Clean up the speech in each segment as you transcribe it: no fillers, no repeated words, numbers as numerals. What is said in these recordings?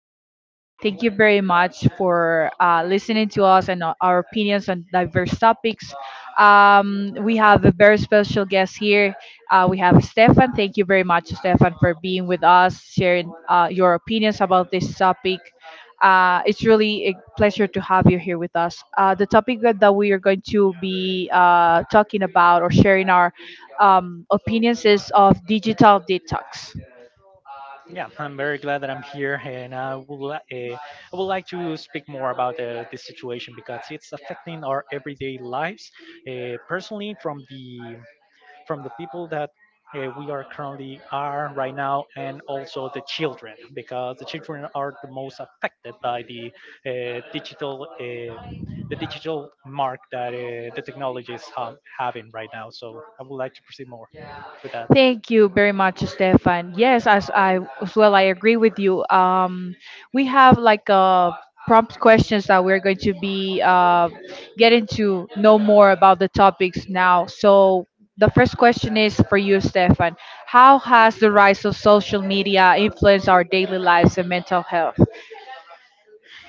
podcast. Thank you very much for listening to us and our opinions on diverse topics. We have a very special guest here. We have Stefan. Thank you very much, Stefan, for being with us, sharing your opinions about this topic. It's really a pleasure to have you here with us. The topic that we are going to be talking about or sharing our opinions is of digital detox. Yeah, I'm very glad that I'm here, and I would like to speak more about this situation because it's affecting our everyday lives. Personally, from the people that we are currently are right now, and also the children, because the children are the most affected by the digital. The digital mark that the technology is having right now. So I would like to proceed more with that. Thank you very much, Stefan. Yes, as I as well, I agree with you. We have like prompt questions that we're going to be getting to know more about the topics now. So the first question is for you, Stefan. How has the rise of social media influenced our daily lives and mental health?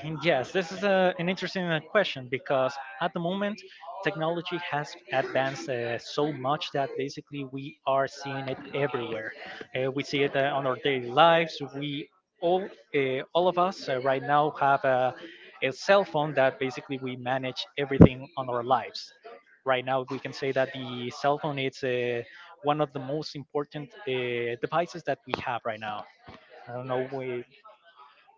And yes, this is an interesting question because at the moment, technology has advanced so much that basically we are seeing it everywhere. We see it on our daily lives. We all of us right now have a cell phone that basically we manage everything on our lives. Right now, we can say that the cell phone is one of the most important devices that we have right now. I don't know. We,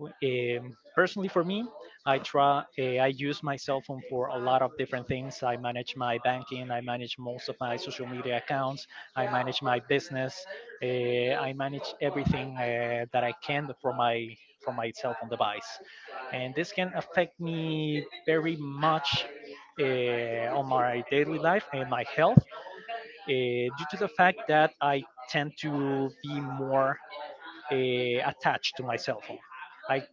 um, Personally, for me, I try. I use my cell phone for a lot of different things. I manage my banking. I manage most of my social media accounts. I manage my business. I manage everything that I can from my cell phone device, and this can affect me very much on my daily life and my health due to the fact that I tend to be more attached to my cell phone. I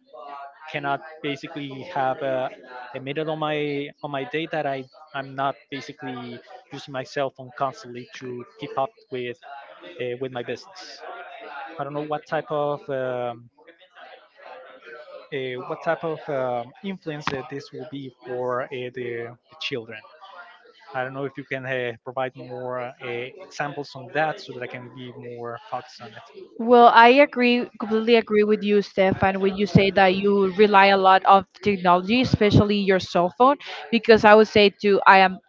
cannot basically have a minute on my day that I'm not basically using my cell phone constantly to keep up with my business. I don't know what type of influence this will be for the children. I don't know if you can provide more examples on that so that I can be more focused on it. Well, I agree, completely agree with you, Stefan, when you say that you rely a lot on technology, especially your cell phone, because I would say too, I am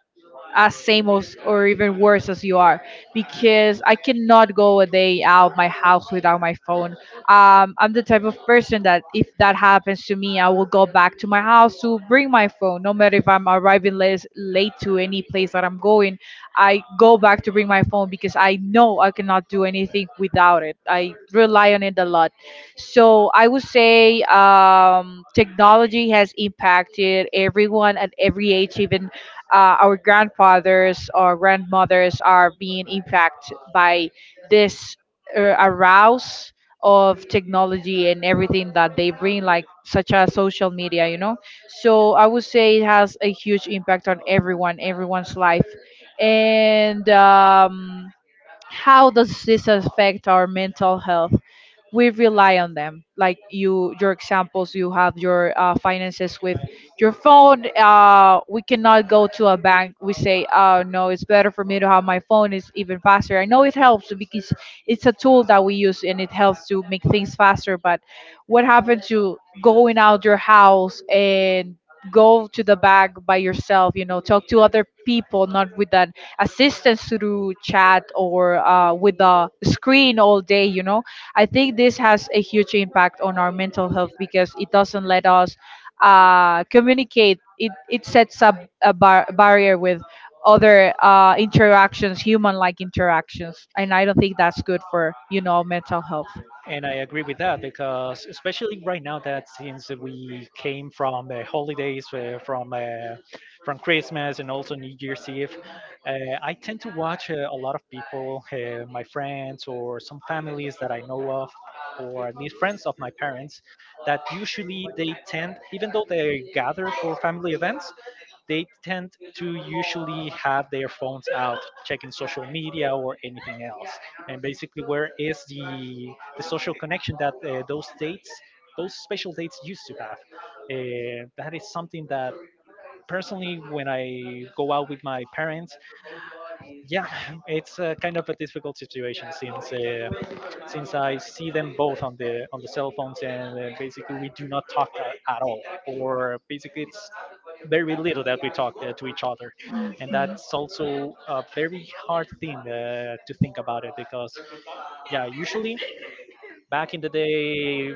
as same as or even worse as you are, because I cannot go a day out my house without my phone. I'm the type of person that if that happens to me, I will go back to my house to bring my phone, no matter if I'm arriving late to any place that I'm going. I go back to bring my phone because I know I cannot do anything without it. I rely on it a lot. So I would say technology has impacted everyone at every age. Even our grandfathers or grandmothers are being impacted by this arouse of technology and everything that they bring, like such as social media, you know. So I would say it has a huge impact on everyone, everyone's life. And how does this affect our mental health? We rely on them, like you, your examples, you have your finances with your phone. We cannot go to a bank. We say, oh no, it's better for me to have my phone, it's even faster. I know it helps because it's a tool that we use and it helps to make things faster. But what happened to going out your house and go to the bank by yourself, you know, talk to other people, not with an assistance through chat or with a screen all day, you know. I think this has a huge impact on our mental health because it doesn't let us communicate. It sets up a barrier with other interactions, human-like interactions, and I don't think that's good for, you know, mental health. And I agree with that because, especially right now, that since we came from the holidays, from Christmas and also New Year's Eve, uh, I tend to watch a lot of people, my friends or some families that I know of, or at least friends of my parents, that usually they tend, even though they gather for family events, they tend to usually have their phones out checking social media or anything else, and basically, where is the social connection that those special dates used to have? That is something that personally, when I go out with my parents, yeah, it's kind of a difficult situation since I see them both on the cell phones, and basically we do not talk at all, or basically it's very little that we talk to each other. And that's also a very hard thing to think about, it because yeah, usually back in the day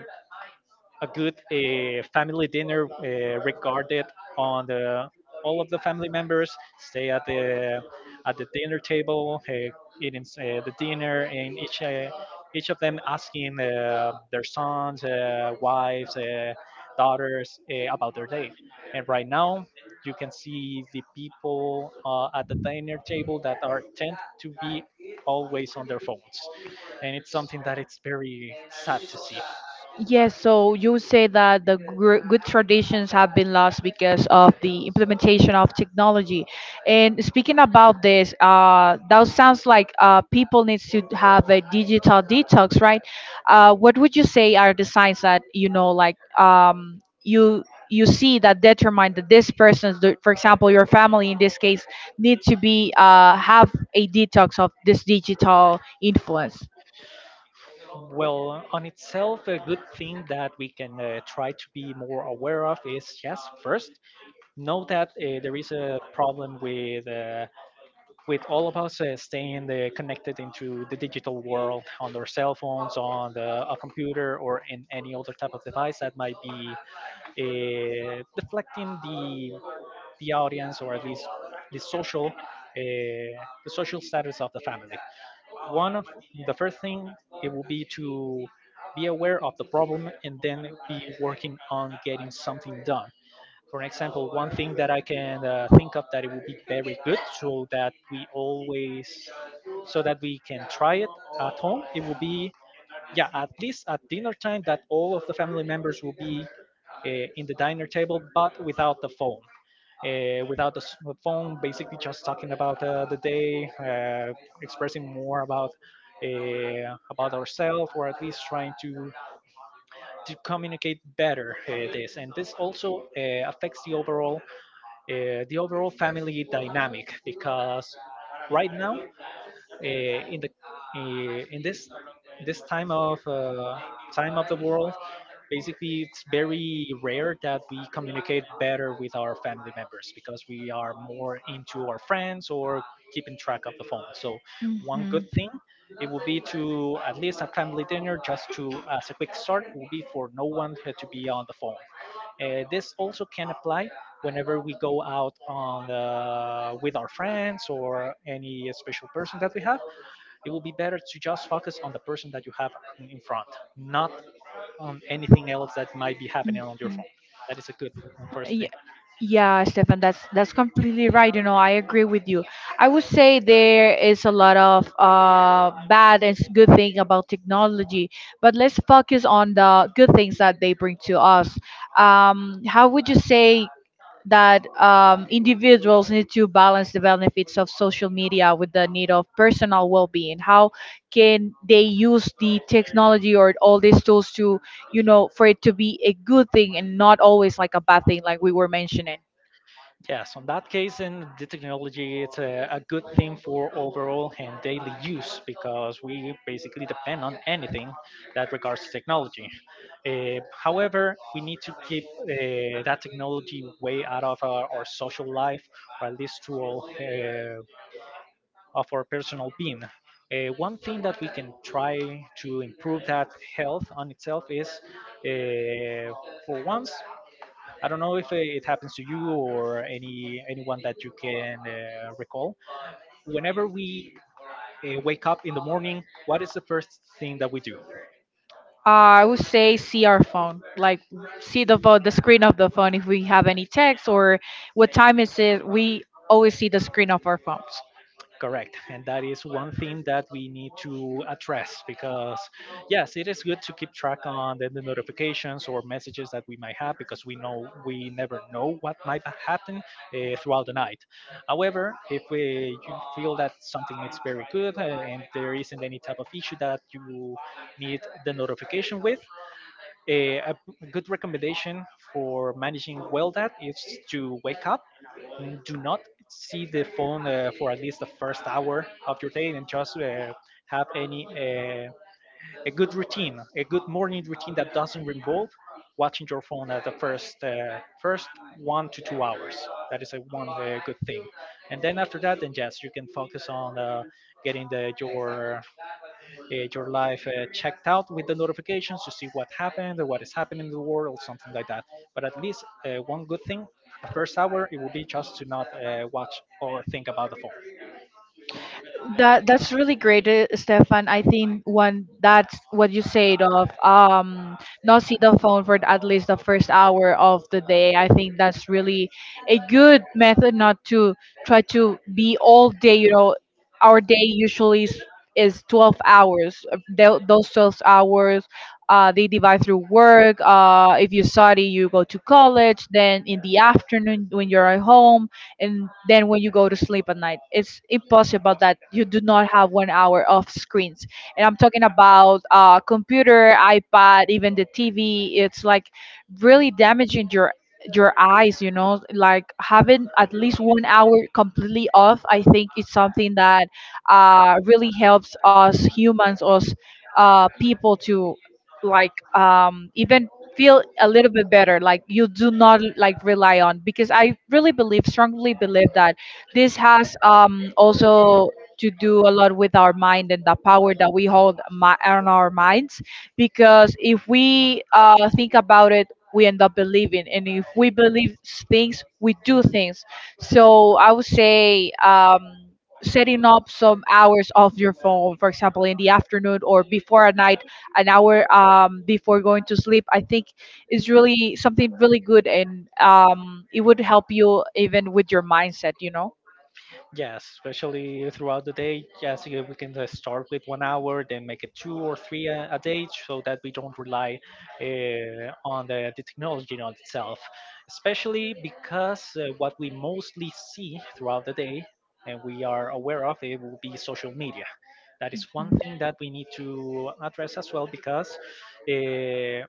a good family dinner regarded on the all of the family members stay at the dinner table eating the dinner, and each of them asking their sons, wives, daughters about their day. And right now you can see the people at the dinner table that are tend to be always on their phones, and it's something that it's very sad to see. Yes, so you say that the good traditions have been lost because of the implementation of technology. And speaking about this, that sounds like people needs to have a digital detox, right? What would you say are the signs that, you know, like you you see that determine that this person's, for example, your family in this case, need to be have a detox of this digital influence. Well, on itself, a good thing that we can try to be more aware of is, yes, first, know that there is a problem with all of us staying connected into the digital world on our cell phones, on a computer, or in any other type of device that might be deflecting the audience, or at least the social uh, the social status of the family. One of the first thing, it will be to be aware of the problem and then be working on getting something done. For example, one thing that I can think of that it will be very good so that we always, so that we can try it at home, it will be, yeah, at least at dinner time, that all of the family members will be uh, in the diner table, but without the phone. Without the s- The phone, basically just talking about the day, uh, expressing more about ourselves, or at least trying to communicate better this. And this also affects the overall family dynamic because right now eh, in the in this this time of the world, basically it's very rare that we communicate better with our family members because we are more into our friends or keeping track of the phone. So one good Mhm. thing, it would be to at least a family dinner, just to as a quick start, will be for no one to be on the phone. This also can apply whenever we go out on with our friends our or any that special person that we have. It will be better to just focus on the person that you have in front, not on anything else that might be happening in on your Mhm. phone. your That is a good first thing. Ye- Yeah, Stefan, that's completely right. You know, I agree with you. I would say there is a lot of bad and good thing about technology, but let's focus on the good things that they bring to us. How would you say that individuals need to balance the benefits of social media with the need of personal well-being? How can they use the technology or all these tools to, you know, for it to be a good thing and not always like a bad thing like we were mentioning? Yeah, so in that case, in the technology, it's a good thing for overall and daily use because we basically depend on anything that regards to technology. However, we need to keep that technology way out of our social life, or at least to all of our personal being. One thing that we can try to improve that health on itself is, uh, for once, I don't know if it happens to you or anyone that you can recall. Whenever we wake up in the morning, what is the first thing that we do? I would say see our phone, like see the phone, the screen of the phone. If we have any text or what time is it, we always see the screen of our phones. Correct. And that is one thing that we need to address because, yes, it is good to keep track on the notifications or messages that we might have, because we know, we never know what might happen throughout the night. However, if you feel that something is very good and there isn't any type of issue that you need the notification with, a good recommendation for managing well, that is to wake up, do not see the phone for at least the first hour of your day, and just have any a good routine, a good morning routine that doesn't involve watching your phone at the first 1 to 2 hours. That is a one good thing, and then after that, then yes, you can focus on getting the your life checked out with the notifications to see what happened, or It's what like, is happening in the world, or something like that. But at least one good thing, the first hour, it will be just to not watch or think about the phone. that that's really great, Stefan. I think one that's what you said of not see the phone for at least the first hour of the day. I think that's really a good method not to try to be all day, you know, our day usually is 12 hours. Those 12 hours, they divide through work. If you study, you go to college. Then in the afternoon, when you're at home, and then when you go to sleep at night, it's impossible that you do not have 1 hour of screens. And I'm talking about computer, iPad, even the TV. It's like really damaging your eyes, you know, like having at least 1 hour completely off, I think it's something that really helps us humans, us people to like even feel a little bit better. Like you do not like rely on, because I really believe, strongly believe that this has also to do a lot with our mind and the power that we hold on our minds, because if we think about it, we end up believing, and if we believe things, we do things. So I would say setting up some hours off your phone, for example in the afternoon or before a night, an hour before going to sleep, I think is really something really good, and it would help you even with your mindset, you know. Yes, especially throughout the day. Yes, yeah, we can start with 1 hour, then make it two or three a day, so that we don't rely on the technology on itself. Especially because what we mostly see throughout the day, and we are aware of, it will be social media. That is one Mhm. thing that we need to address as well, because uh,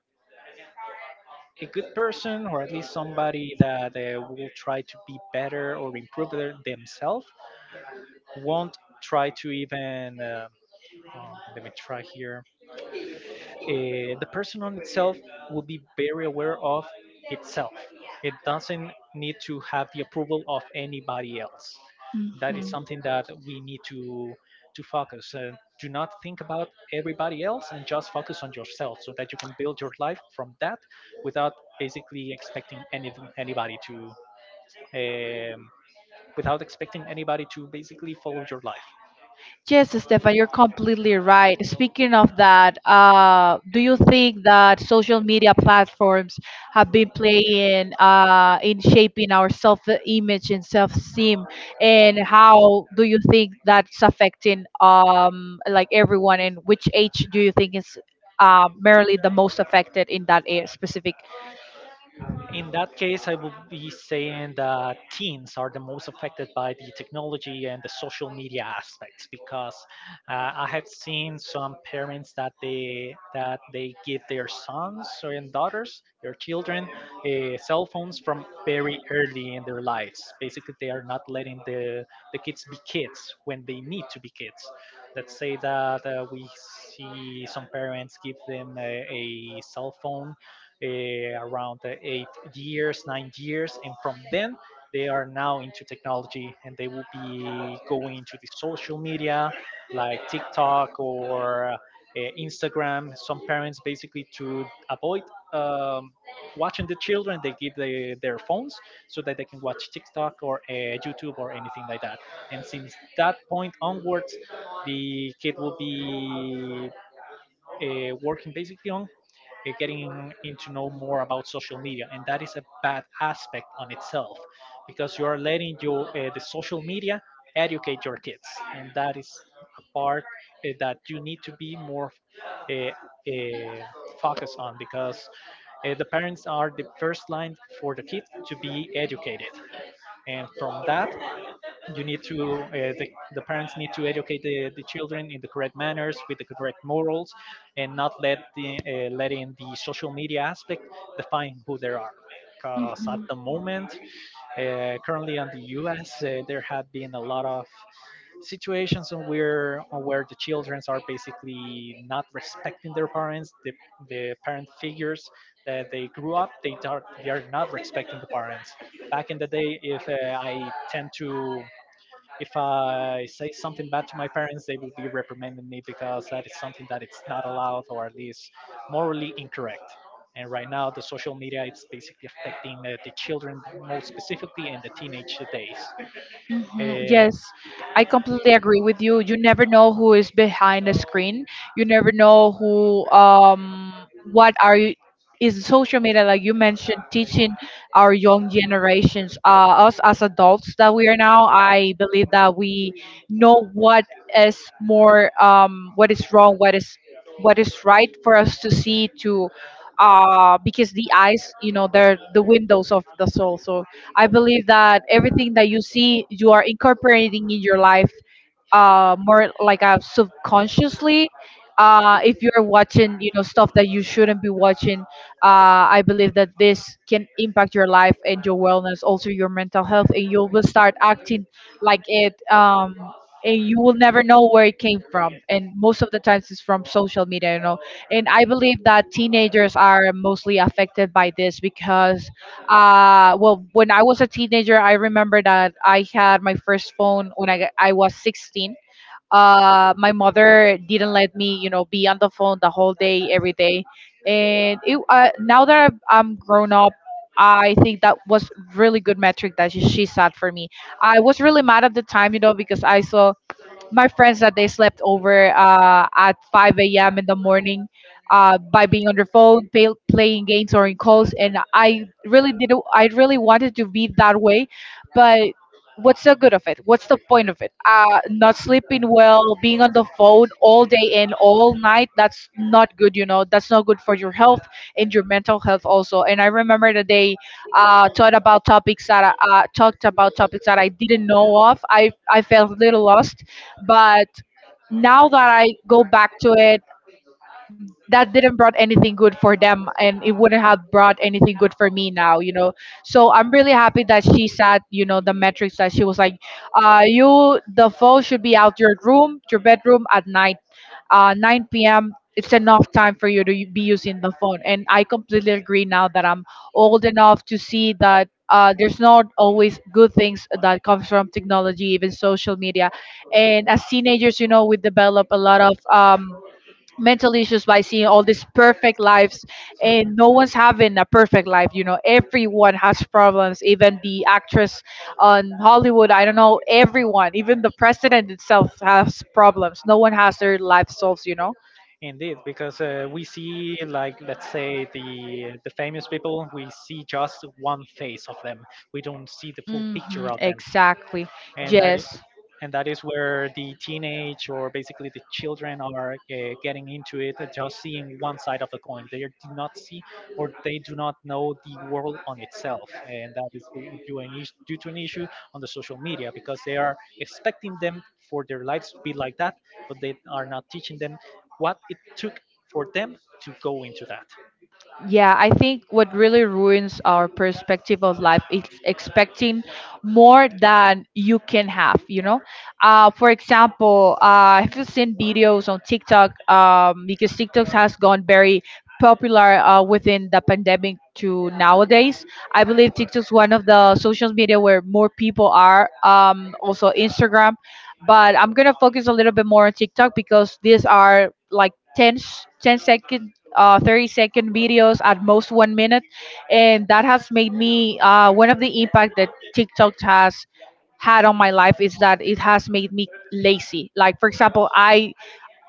a good person, or at least somebody that will try to be better or improve themselves, won't try to even let me try here, the person on itself will be very aware of itself. It doesn't need to have the approval of anybody else. That is something that we need to focus do not think about everybody else and just focus on yourself so that you can build your life from that, without basically expecting anything anybody to, um, without expecting anybody to basically follow your life. Yes, Stefan, you're completely right. Speaking of that, do you think that social media platforms have been playing in shaping our self-image and self-esteem, and how do you think that's affecting like everyone, and which age do you think is merely the most affected in that specific? In that case, I would be saying that teens are the most affected by the technology and the social media aspects because I have seen some parents that they give their sons and daughters, their children, cell phones from very early in their lives. Basically, they are not letting the kids be kids when they need to be kids. Let's say that we see some parents give them a cell phone around 8 years, 9 years, and from then they are now into technology, and they will be going into the social media like TikTok or Instagram. Some parents, basically to avoid um, watching the children, they give their phones so that they can watch TikTok or YouTube or anything like that. And since that point onwards, the kid will be working basically on getting in to know more about social media, and that is a bad aspect on itself because you are letting you the social media educate your kids, and that is a part that you need to be more uh, uh, focused on because the parents are the first line for the kid to be educated. And from that you need to the parents need to educate the children in the correct manners with the correct morals, and not let the letting the social media aspect define who they are. Because at Mhm. the moment currently in the us, there have been a lot of situations on where the children are basically not respecting their parents, the parent figures that they grew up. They are not respecting the parents. Back in the day, if I tend to if I say something bad to my parents, they will be reprimanding me because that is something that it's not allowed, or at least morally incorrect. And right now, the social media it's basically affecting the children, most specifically in the teenage days. Mhm, Uh, yes, I completely agree with you. You never know who is behind the screen. You never know who, what are you, is social media, like you mentioned, teaching our young generations, us as adults that we are now. I believe that we know what is more, what is wrong, what is right for us to see to, because the eyes, you know, they're the windows of the soul. So I believe that everything that you see, you are incorporating in your life, more like subconsciously. If you're watching, you know, stuff that you shouldn't be watching, I believe that this can impact your life and your wellness, also your mental health, and you will start acting like it. And you will never know where it came from. And most of the times, it's from social media, you know. And I believe that teenagers are mostly affected by this, because well, when I was a teenager, I remember that I had my first phone when I was 16. My mother didn't let me, you know, be on the phone the whole day, every day. And it, now that I'm grown up, I think that was really good metric that she set for me. I was really mad at the time, you know, because I saw my friends that they slept over at 5 a.m. in the morning by being on their phone, playing games or in calls. And I really didn't, I really wanted to be that way, but what's the good of it? What's the point of it? Not sleeping well, being on the phone all day and all night, that's not good, you know, that's not good for your health and your mental health also. And I remember that they taught about topics that I, talked about topics that I didn't know of. I felt a little lost, but now that I go back to it, that didn't brought anything good for them, and it wouldn't have brought anything good for me now, you know. So I'm really happy that she sat, you know, the metrics that she was like, you, the phone should be out your room, your bedroom at night. 9 p.m. it's enough time for you to be using the phone, and I completely agree now that I'm old enough to see that there's not always good things that comes from technology, even social media. And as teenagers, you know, we develop a lot of mental issues by seeing all these perfect lives, and no one's having a perfect life, you know. Everyone has problems, even the actress on Hollywood, I don't know, everyone, even the president itself has problems. No one has their life solved, you know. Indeed, because we see, like, let's say the famous people, we see just one face of them. We don't see the full Hmm. picture of them, Exactly. and that Yes. and that is where the teenage, or basically the children, are getting into it and just seeing one side of the coin. They do not see or they do not know the world on itself, and that is due due to an issue on the social media, because they are expecting them for their lives to be like that, but they are not teaching them what it took for them to go into that. Yeah, I think what really ruins our perspective of life is expecting more than you can have, you know? For example, have you seen videos on TikTok? Because TikTok has gone very popular within the pandemic to nowadays. I believe TikTok's one of the social media where more people are, also Instagram. But I'm going to focus a little bit more on TikTok because these are like 10 second 30-second videos at most 1 minute. And that has made me one of the impact that TikTok has had on my life is that it has made me lazy. Like, for example, i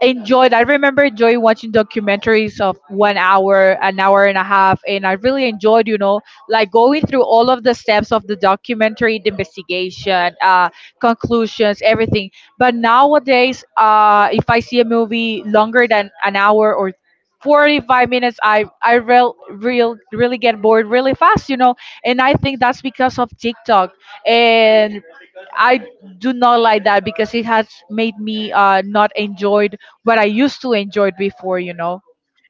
enjoyed I remember enjoying watching documentaries of 1 hour, an hour and a half, and I really enjoyed, you know, like going through all of the steps of the documentary, the investigation, conclusions, everything. But nowadays, if I see a movie longer than an hour or 45 minutes, I really get bored really fast, you know. And I think that's because of TikTok. And I do not like that because it has made me not enjoyed what I used to enjoy before, you know.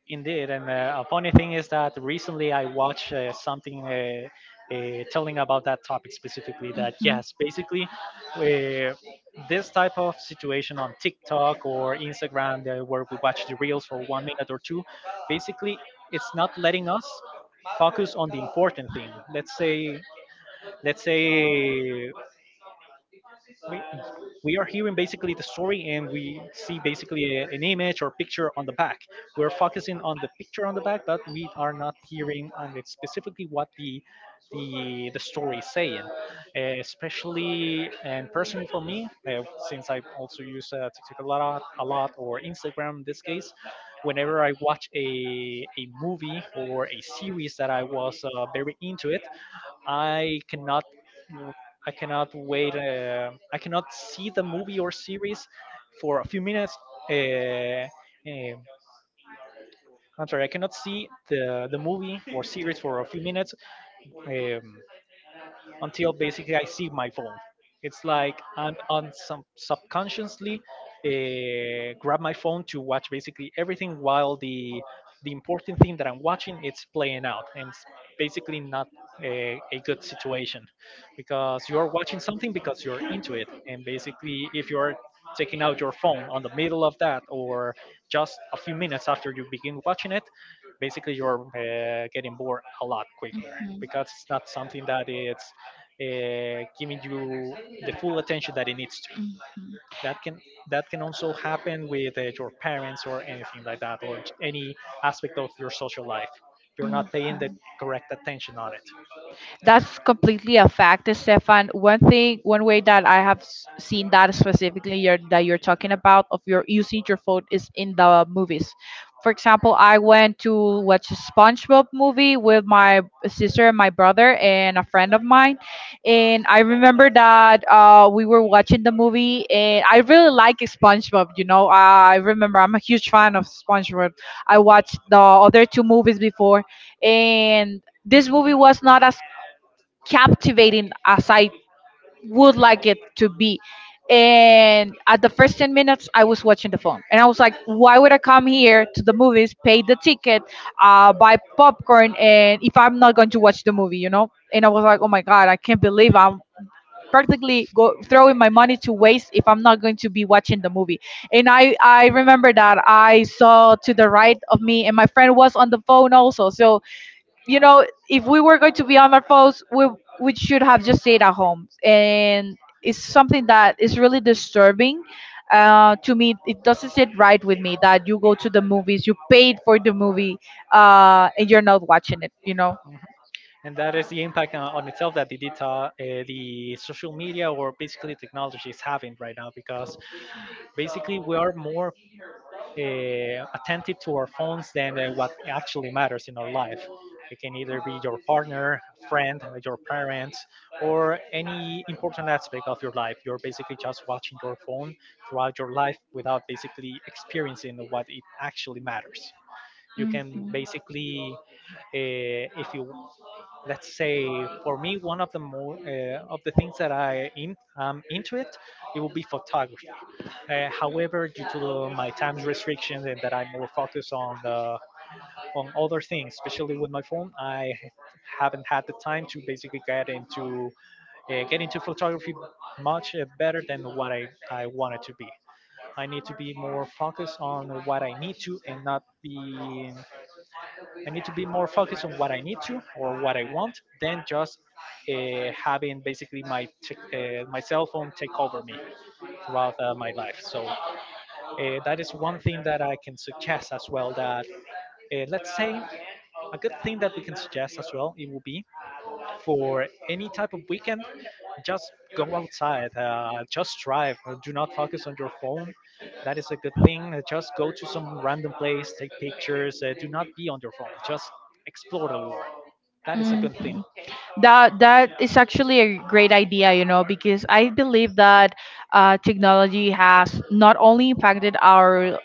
Indeed, and a funny thing is that recently I watched something telling about that topic specifically. That Mhm. yes, basically, uh, this type of situation on TikTok or Instagram, where we watch the reels for 1 minute or two, basically, it's not letting us focus on the important thing. Let's say we, we are hearing basically the story, and we see basically an image or picture on the back. We're focusing on the picture on the back, but we are not hearing on it specifically what the story is saying. Especially and personally for me, since I also use TikTok a lot, a lot, or Instagram in this case, whenever I watch a movie or a series that I was very into it, I cannot wait. I cannot see the movie or series for a few minutes. Uh, um I'm sorry, I cannot see the movie or series for a few minutes. Um, until basically I see my phone. It's like I'm on some subconsciously grab my phone to watch basically everything while the important thing that I'm watching it's playing out, and it's basically not a good situation, because you're watching something because you're into it, and basically if you're taking out your phone on the middle of that, or just a few minutes after you begin watching it, basically you're getting bored a lot quicker because it's not something that it's giving you the full attention that it needs to. Mhm. That can that can also happen with your parents or anything like that, or any aspect of your social life. You're not paying the correct attention on it. That's completely a fact, Stefan. One thing, one way that I have seen that, specifically that you're talking about, of your using your phone is in the movies. For example, I went to watch a SpongeBob movie with my sister and my brother and a friend of mine, and I remember that we were watching the movie, and I really like SpongeBob. You know, I remember I'm a huge fan of SpongeBob. I watched the other two movies before, and this movie was not as captivating as I would like it to be. And at the first 10 minutes, I was watching the phone. And I was like, why would I come here to the movies, pay the ticket, buy popcorn, and if I'm not going to watch the movie, you know? And I was like, oh my God, I can't believe I'm practically throwing my money to waste if I'm not going to be watching the movie. And I remember that I saw to the right of me, and my friend was on the phone also. So you know, if we were going to be on our phones, we should have just stayed at home. And it's something that is really disturbing. To me, it doesn't sit right with me that you go to the movies, you paid for the movie, and you're not watching it, you know. And that is the impact on itself that the data, the social media, or basically technology is having right now. Because basically we are more attentive to our phones than what actually matters in our life. It can either be your partner, friend, your parents, or any important aspect of your life. You're basically just watching your phone throughout your life without basically experiencing what it actually matters. You can basically, if you let's say for me, one of the more of the things that am into it, it will be photography. However, due to my time restrictions, and that I'm more focused on the on other things, especially with my phone, I haven't had the time to basically get into photography much better than what I want it to be. I need to be more focused on what I need to and not be I need to be more focused on what I need to or what I want, than just having basically my cell phone take over me throughout my life. So that is one thing that I can suggest as well. That Let's say a good thing that we can suggest as well, it will be for any type of weekend just go outside, just drive. Do not focus on your phone, that is a good thing. Just go to some random place, take pictures, do not be on your phone, just explore the world, that is a And good thing. mhm. That, that is actually a great idea, you know, because I believe that technology has not only impacted our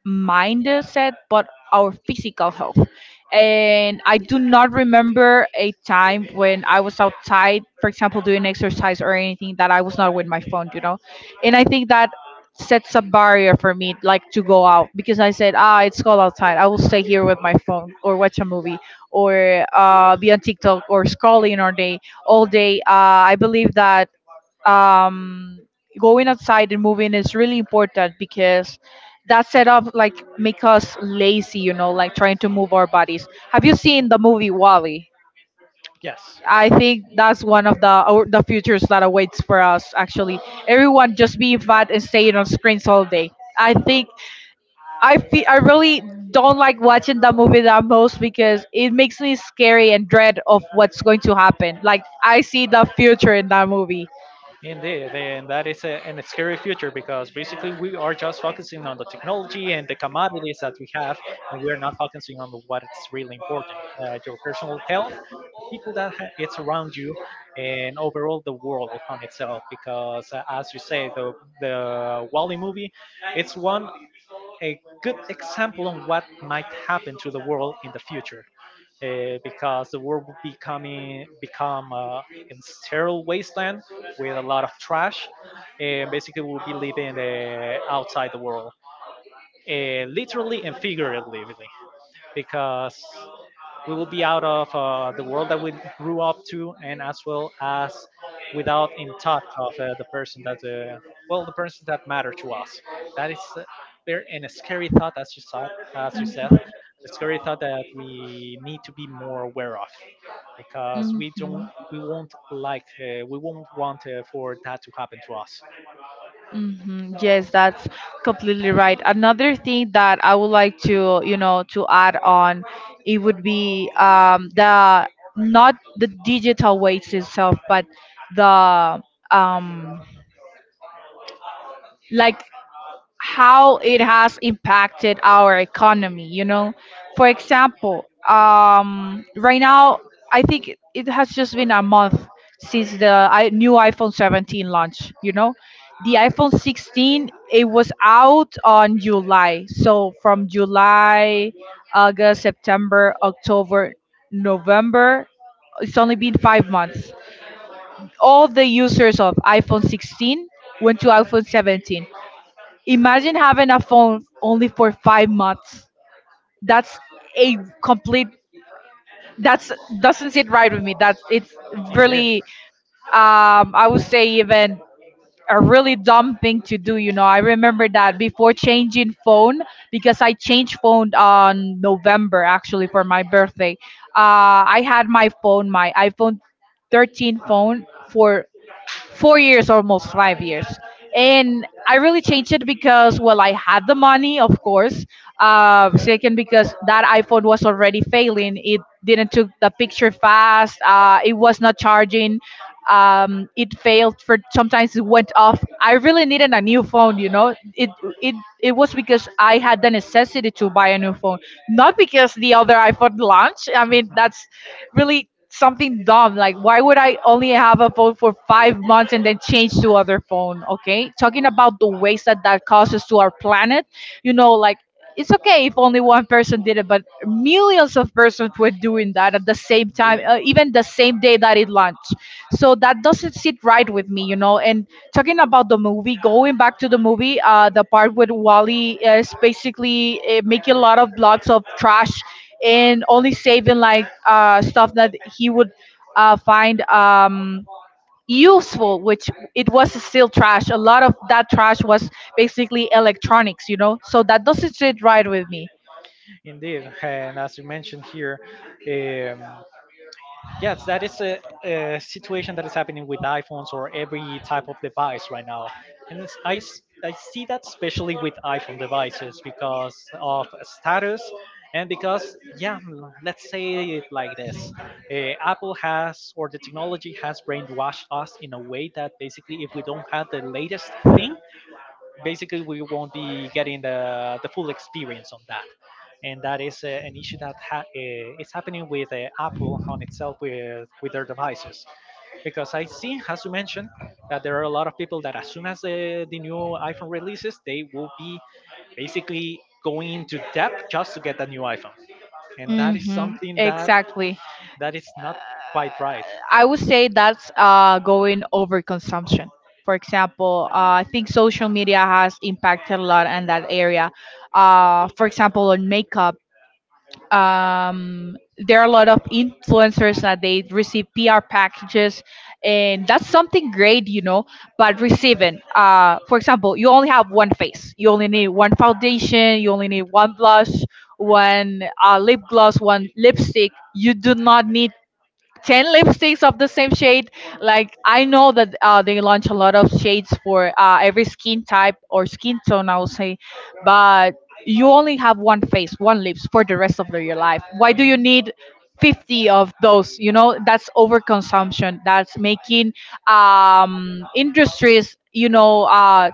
mindset but our physical health. And I do not remember a time when I was outside, for example, doing exercise or anything, that I was not with my phone, you know. And I think that sets a barrier for me, like, to go out, because I said, ah, it's cold outside, I will stay here with my phone or watch a movie or be on TikTok or scrolling all day. I believe that um, going outside and moving is really important because that setup, like, make us lazy, you know, like trying to move our bodies. Have you seen the movie Wally? Yes. I think that's one of the, or the futures that awaits for us. Actually, everyone just being fat and staying on screens all day. I think I feel I really don't like watching that movie, that most, because it makes me scary and dread of what's going to happen. Like, I see the future in that movie. Indeed, and that is an scary future, because basically we are just focusing on the technology and the commodities that we have, and we're not focusing on what is really important: your personal health, the people that it's around you, and overall the world on itself. Because as you say, the Wally movie, it's one a good example on what might happen to the world in the future. Because the world will becoming become a sterile wasteland with a lot of trash, and basically we'll be living outside the world, literally and figuratively, because we will be out of the world that we grew up to, and as well as without in touch of the persons that matter to us. That is very and a scary thought, as you saw, as you said, a scary thought that we need to be more aware of, because Mhm. We won't like, we won't want for that to happen to us. Hmm. Yes, that's completely right. Another thing that I would like to, you know, to add on, it would be the, not the digital weights itself, but the um, like, how it has impacted our economy, you know. For example, right now, I think it has just been a month since the new iPhone 17 launch, you know. The iPhone 16, it was out on July. So from July, August, September, October, November, it's only been 5 months, all the users of iPhone 16 went to iPhone 17. Imagine having a phone only for 5 months. That's a complete. That's, doesn't sit right with me. That's, it's really. I would say even a really dumb thing to do. You know, I remember that before changing phone, because I changed phone on November, actually, for my birthday. I had my phone, my iPhone 13 phone, for 4 years, almost 5 years. And I really changed it because, well, I had the money, of course. Second, because that iPhone was already failing. It didn't took the picture fast. It was not charging. It failed, for sometimes it went off. I really needed a new phone. You know, it was because I had the necessity to buy a new phone, not because the other iPhone launched. I mean, that's really something dumb. Like, why would I only have a phone for 5 months and then change to other phone? Okay, talking about the waste that that causes to our planet. You know, like, it's okay if only one person did it, but millions of persons were doing that at the same time, even the same day that it launched. So that doesn't sit right with me, you know. And talking about the movie, going back to the movie, the part with Wally is basically making a lot of blocks of trash and only saving like stuff that he would find useful, which it was still trash. A lot of that trash was basically electronics, you know. So that doesn't sit right with me. Indeed, and as you mentioned here, um, yes, that is a situation that is happening with iPhones or every type of device right now. And it's, I see that, especially with iPhone devices, because of status and because, yeah, let's say it like this, Apple has, or the technology has brainwashed us in a way that basically if we don't have the latest thing, basically we won't be getting the full experience on that. And that is an issue that is happening with Apple on itself with their devices. Because I see as you mentioned, that there are a lot of people that as soon as the new iPhone releases, they will be basically going into depth just to get the new iPhone. And that is Mm-hmm. something that Exactly. Is not quite right. I would say that's going overconsumption. For example, I think social media has impacted a lot in that area. For example, on makeup, there are a lot of influencers that they receive PR packages, and that's something great, you know. But receiving, for example, you only have one face. You only need one foundation. You only need one blush, one lip gloss, one lipstick. You do not need 10 lipsticks of the same shade. Like, I know that they launch a lot of shades for every skin type or skin tone, I would say. But you only have one face, one lips for the rest of the- your life. Why do you need 50 of those, you know? That's Mhm. overconsumption. That's making industries, you know, uh,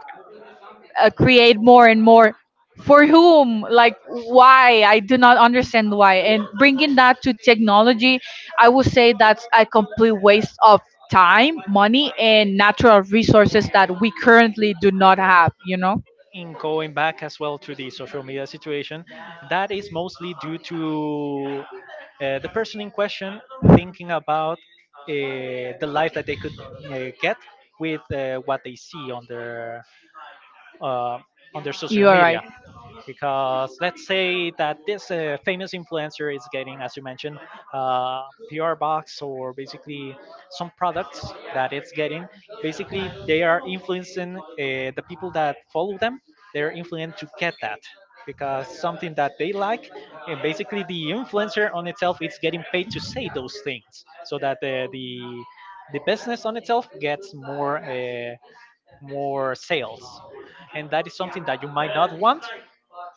uh, create more and more for whom. Like, why? I do not understand why. And bringing that to technology, I would say that's a complete waste of time, money and natural resources that we currently do not have, you know. In going back as well to the social media situation, that is mostly due to the person in question thinking about the life that they could get with what they see uh, on their You social are media. right. Because let's say that this famous influencer is getting, as you mentioned, uh, PR box, or basically some products that it's getting. Basically, they are influencing the people that follow them. They're influenced to get that because something that they like, and basically the influencer on itself is getting paid to say those things so that the business on itself gets more more sales. And that is something that you might not want,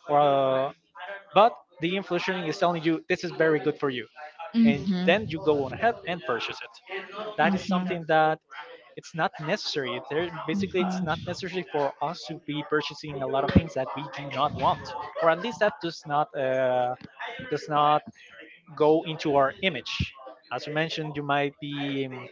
uh, but the inflation is telling you this is very good for you, and Mm-hmm. then you go on Mm-hmm. ahead and purchase it. That is something that it's not necessary there. Basically it's not necessary for us to be purchasing a lot of things that we do not want, or at least that does not go into our image. As you mentioned, you might be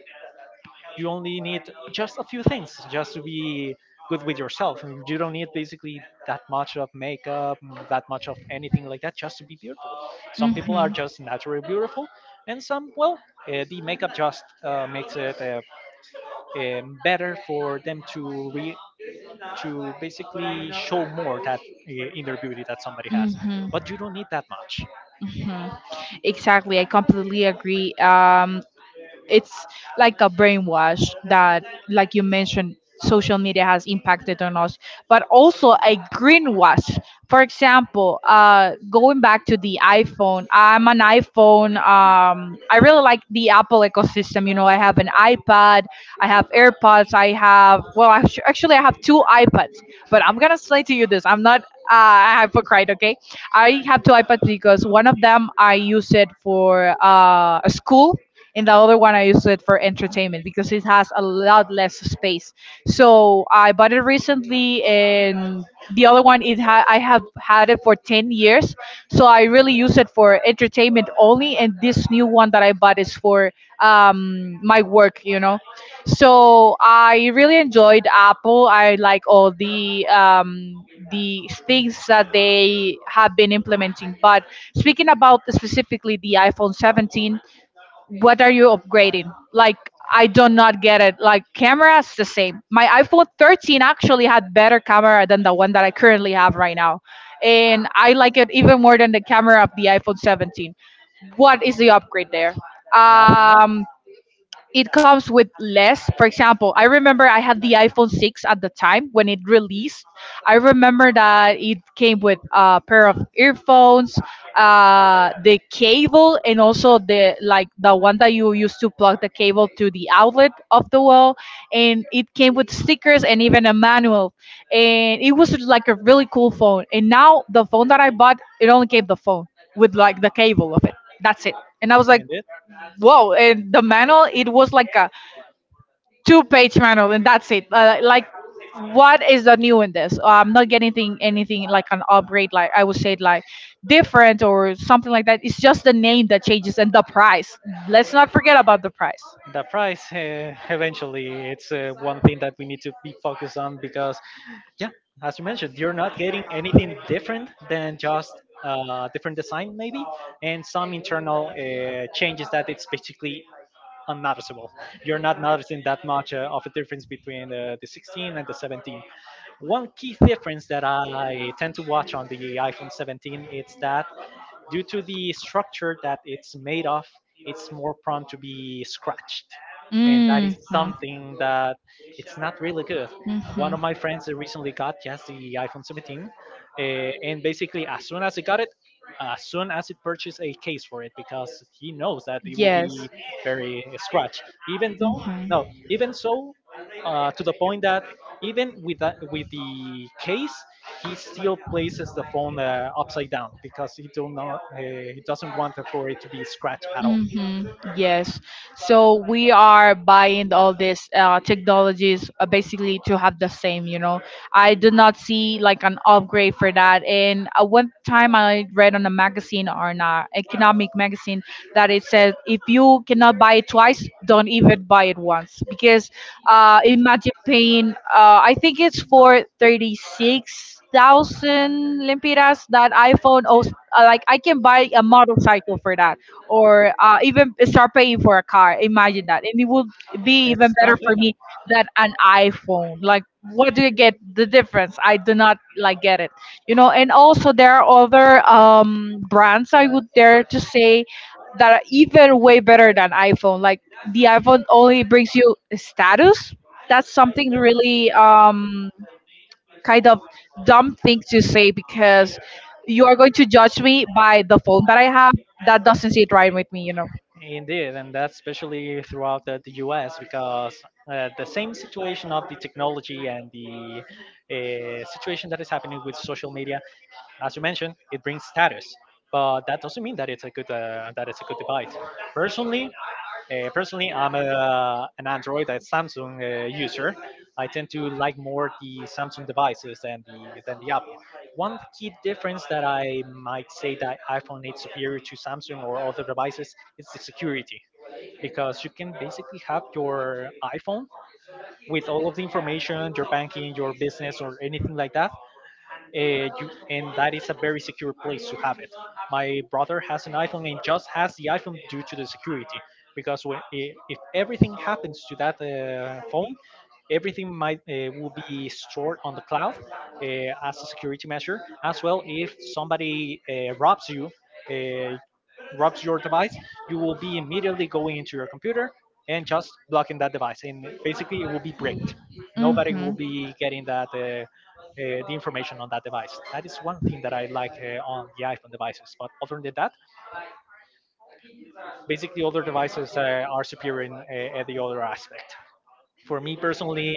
you only need just a few things just to be good with yourself, and you don't need basically that much of makeup, that much of Mm-hmm. anything like that, just to be beautiful. Some people are Mhm. just naturally beautiful, and some, well, the makeup just makes it better for them to to basically show more that inner beauty that somebody has. Mhm. But you don't need that much. Mhm. Exactly. I completely agree. Um, it's like a brainwash that, like you mentioned, social media has impacted on us, but also a greenwash. For example, going back to the iPhone, I'm an iPhone, I really like the Apple ecosystem, you know. I have an iPad, I have AirPods, I have, well, actually I have two iPads. But I'm gonna say to you this, I'm not a hypocrite, okay. I have two iPads because one of them I use it for school, and the other one I use it for entertainment because it has a lot less space. So I bought it recently, and the other one I have had it for 10 years, so I really use it for entertainment only. And this new one that I bought is for my work, you know. So I really enjoyed Apple. I like all the things that they have been implementing. But speaking about specifically the iPhone 17, what are you upgrading? Like, I do not get it. Like, camera's the same. My iPhone 13 actually had better camera than the one that I currently have right now. And I like it even more than the camera of the iPhone 17. What is the upgrade there? Nothing much. Um, it comes with less. For example, I remember I had the iPhone 6 at the time when it released. I remember that it came with a pair of earphones, the cable, and also the, like the one that you used to plug the cable to the outlet of the wall. And it came with stickers and even a manual. And it was like a really cool phone. And now the phone that I bought, it only came the phone with like the cable of it. That's it. And I was like, And it whoa. And the manual, it was like a two-page manual and that's it. Uh, like, what is the new in this? I'm not getting anything like an upgrade, like, I would say, like different or something like that. It's just the name that changes, and the price. Let's not forget about the price. The price, eventually it's one thing that we need to be focused on because, yeah, as you mentioned, you're not getting anything different than just different design maybe, and some internal changes that it's basically unnoticeable. You're not noticing that much of a difference between the 16 and the 17. One key difference that I tend to watch on the iPhone 17 is that due to the structure that it's made of, it's more prone to be scratched. And that is something that it's not really good. One of my friends that recently got just the iPhone 17, and basically as soon as he got it, as soon as he purchased a case for it because he knows that it will Yes. be very scratched. Even though, no, even so, to the point that even with that, with the case, he still places the phone upside down because he do not he doesn't want for it to be scratched at all. Mm-hmm. Yes. So we are buying all these technologies basically to have the same, you know. I do not see like an upgrade for that. And one time I read on a magazine or an economic magazine that it said if you cannot buy it twice, don't even buy it once because imagine paying I think it's for 36,000 lempiras that iphone also, like I can buy a motorcycle for that or even start paying for a car, imagine that, and it would be It's even a better for me than an iphone. Like what do you get, the difference? I do not like get it, you know. And also there are other brands, I would dare to say, that are even way better than iPhone. Like the iPhone only brings you status. That's something really kind of dumb thing to say, because you are going to judge me by the phone that I have. That doesn't sit right with me, you know. indeed, and that's especially throughout the US because the same situation of the technology and the situation that is happening with social media, as you mentioned, it brings status, but that doesn't mean that it's a good that it's a good device. Personally, personally, I'm an Android and Samsung user. I tend to like more the Samsung devices than the Apple. One key difference that I might say that iPhone is superior to Samsung or other devices is the security, because you can basically have your iPhone with all of the information, your banking, your business, or anything like that, and that is a very secure place to have it. My brother has an iPhone and just has the iPhone due to the security, because if everything happens to that phone, everything might will be stored on the cloud as a security measure. As well, if somebody robs you, uh, robs your device, you will be immediately going into your computer and just blocking that device, and basically it will be bricked. Nobody Hmm. will be getting that the information on that device. That is one thing that I like on the iPhone devices. But other than that, basically, other devices are superior in the other aspect. For me personally,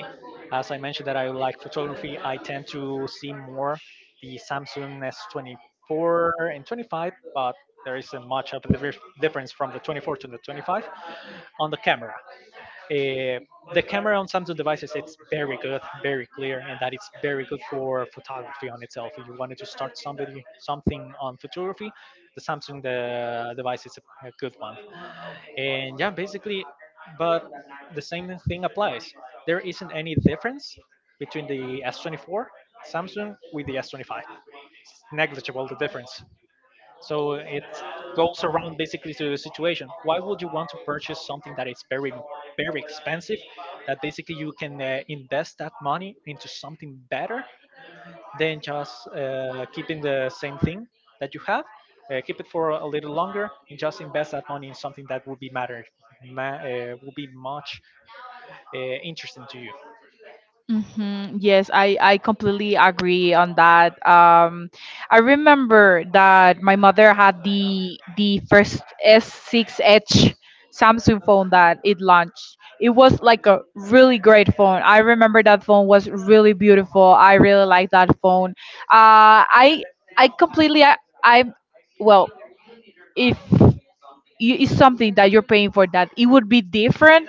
as I mentioned that I like photography, I tend to see more the Samsung S24 and 25, but there isn't much of a difference from the 24 to the 25 on the camera. Uh, the camera on Samsung devices it's very good, very clear, and that it's very good for photography on itself. If you wanted to start somebody something on photography, the Samsung the device is a good one. And yeah, basically, but the same thing applies. There isn't any difference between the S24 Samsung with the S25. Negligible the difference. So it goes around basically to the situation. Why would you want to purchase something that is very, very expensive, that basically you can invest that money into something better than just keeping the same thing that you have? Keep it for a little longer and just invest that money in something that will be will be much interesting to you. Mm-hmm. Yes, I completely agree on that. I remember that my mother had the first S 6 Edge Samsung phone that it launched. It was like a really great phone. I remember that phone was really beautiful. I really like that phone. Uh, I I completely I well if you, it's something that you're paying for, that it would be different,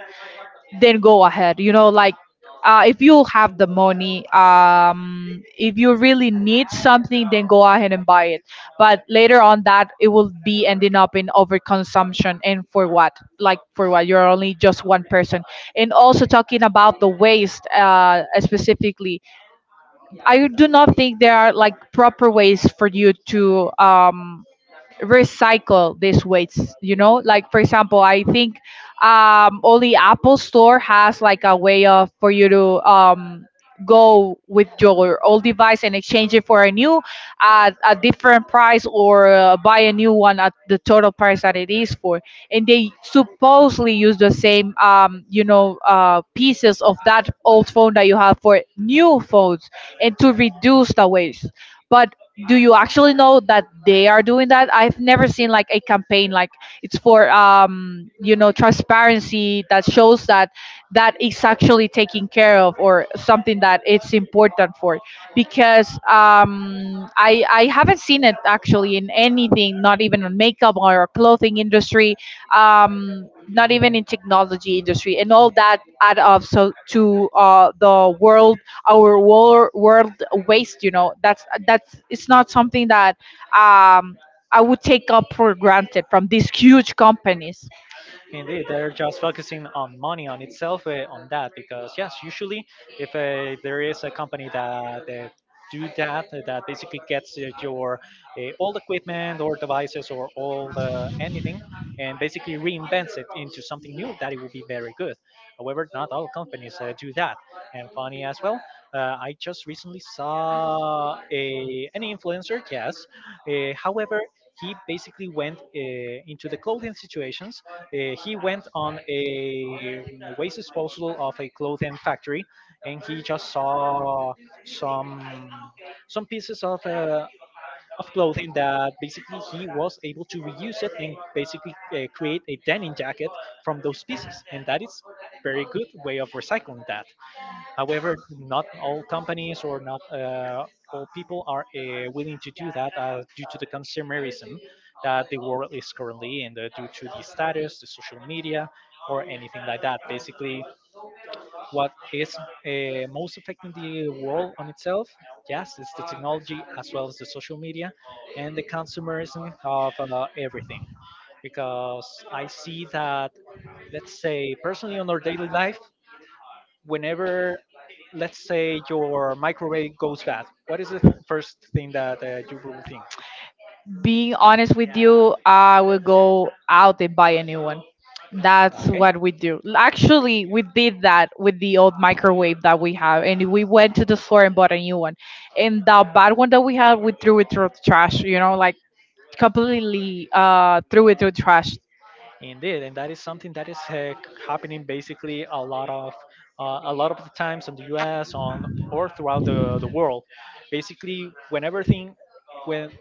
then go ahead, you know. Like if you have the money, if you really need something, then go ahead and buy it. But later on that, it will be ending up in overconsumption, and for what? Like for what? You're only just one person. And also, talking about the waste, specifically, I do not think there are like proper ways for you to recycle these waste, you know. Like for example, I think only apple store has like a way of for you to go with your old device and exchange it for a new at a different price, or buy a new one at the total price that it is for. And they supposedly use the same pieces of that old phone that you have for new phones, and to reduce the waste. But do you actually know that they are doing that? I've never seen like a campaign, like it's for you know transparency, that shows that that is actually taken care of or something that it's important for. Because I haven't seen it actually in anything, not even on makeup or clothing industry, not even in technology industry. And all that add up, so to the world, our world waste, you know. That's it's not something that um I would take up for granted from these huge companies. Indeed, they're just focusing on money on itself on that because yes, usually if there is a company that do that that basically gets your old equipment or devices or old anything and basically reinvents it into something new that it will be very good. However, not all companies do that. And funny as well, I just recently saw a an influencer, yes, however, he basically went into the clothing situations. He went on a waste disposal of a clothing factory, and he just saw some some pieces of clothing that basically he was able to reuse it and basically create a denim jacket from those pieces, and that is very good way of recycling that. However, not all companies or not all people are willing to do that due to the consumerism that the world is currently in, due to the status, the social media, or anything like that. Basically, what is most affecting the world on itself? Yes, it's the technology as well as the social media and the consumerism of everything. Because I see that, let's say, personally on our daily life, whenever, let's say, your microwave goes bad, what is first thing that you will think? Being honest with you, I will go out and buy a new one. That's Okay. what we do. Actually, we did that with the old microwave that we have, and we went to the store and bought a new one. And the bad one that we had, we threw it through the trash, you know. Like completely threw it through the trash. Indeed, and that is something that is happening basically a lot of the times in the U.S. on or throughout the world. Basically, whenever thing when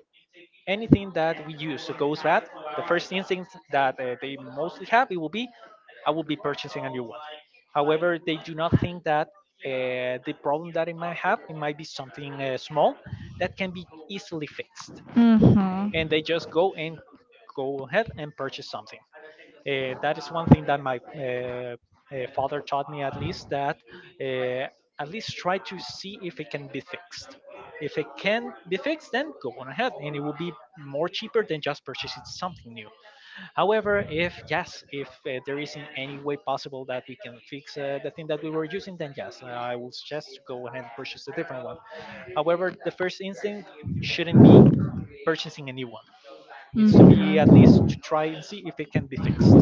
anything that we use that goes bad, the first instinct that they mostly have it will be, I will be purchasing a new one. However, they do not think that the problem that it might have, it might be something small that can be easily fixed, Mm-hmm. and they just go ahead and purchase something. That is one thing that my father taught me, at least, that uh, at least try to see if it can be fixed. If it can be fixed, then go on ahead, and it will be more cheaper than just purchasing something new. However, if yes, if there isn't any way possible that we can fix the thing that we were using, then yes, I will suggest to go ahead and purchase a different one. However, the first instinct shouldn't be purchasing a new one. Needs to be at least to try and see if it can be fixed.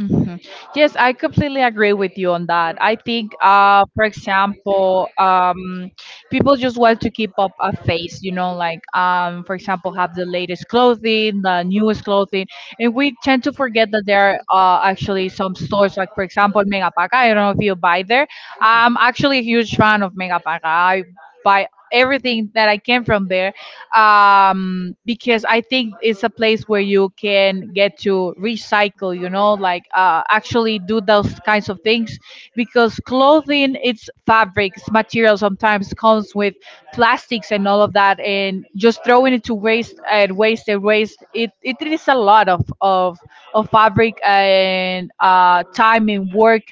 Mhm. Yes, I completely agree with you on that. I think, for example, people just want to keep up a face, you know, like, for example, have the latest clothing, the newest clothing. And we tend to forget that there are actually some stores, like, for example, Megapaca. I don't know if you buy there. I'm actually a huge fan of Megapaca. I buy everything that I can from there, because I think it's a place where you can get to recycle, you know, like actually do those kinds of things. Because clothing, it's fabrics, material sometimes comes with plastics and all of that, and just throwing it to waste and waste and waste, it is a lot of, of fabric and time and work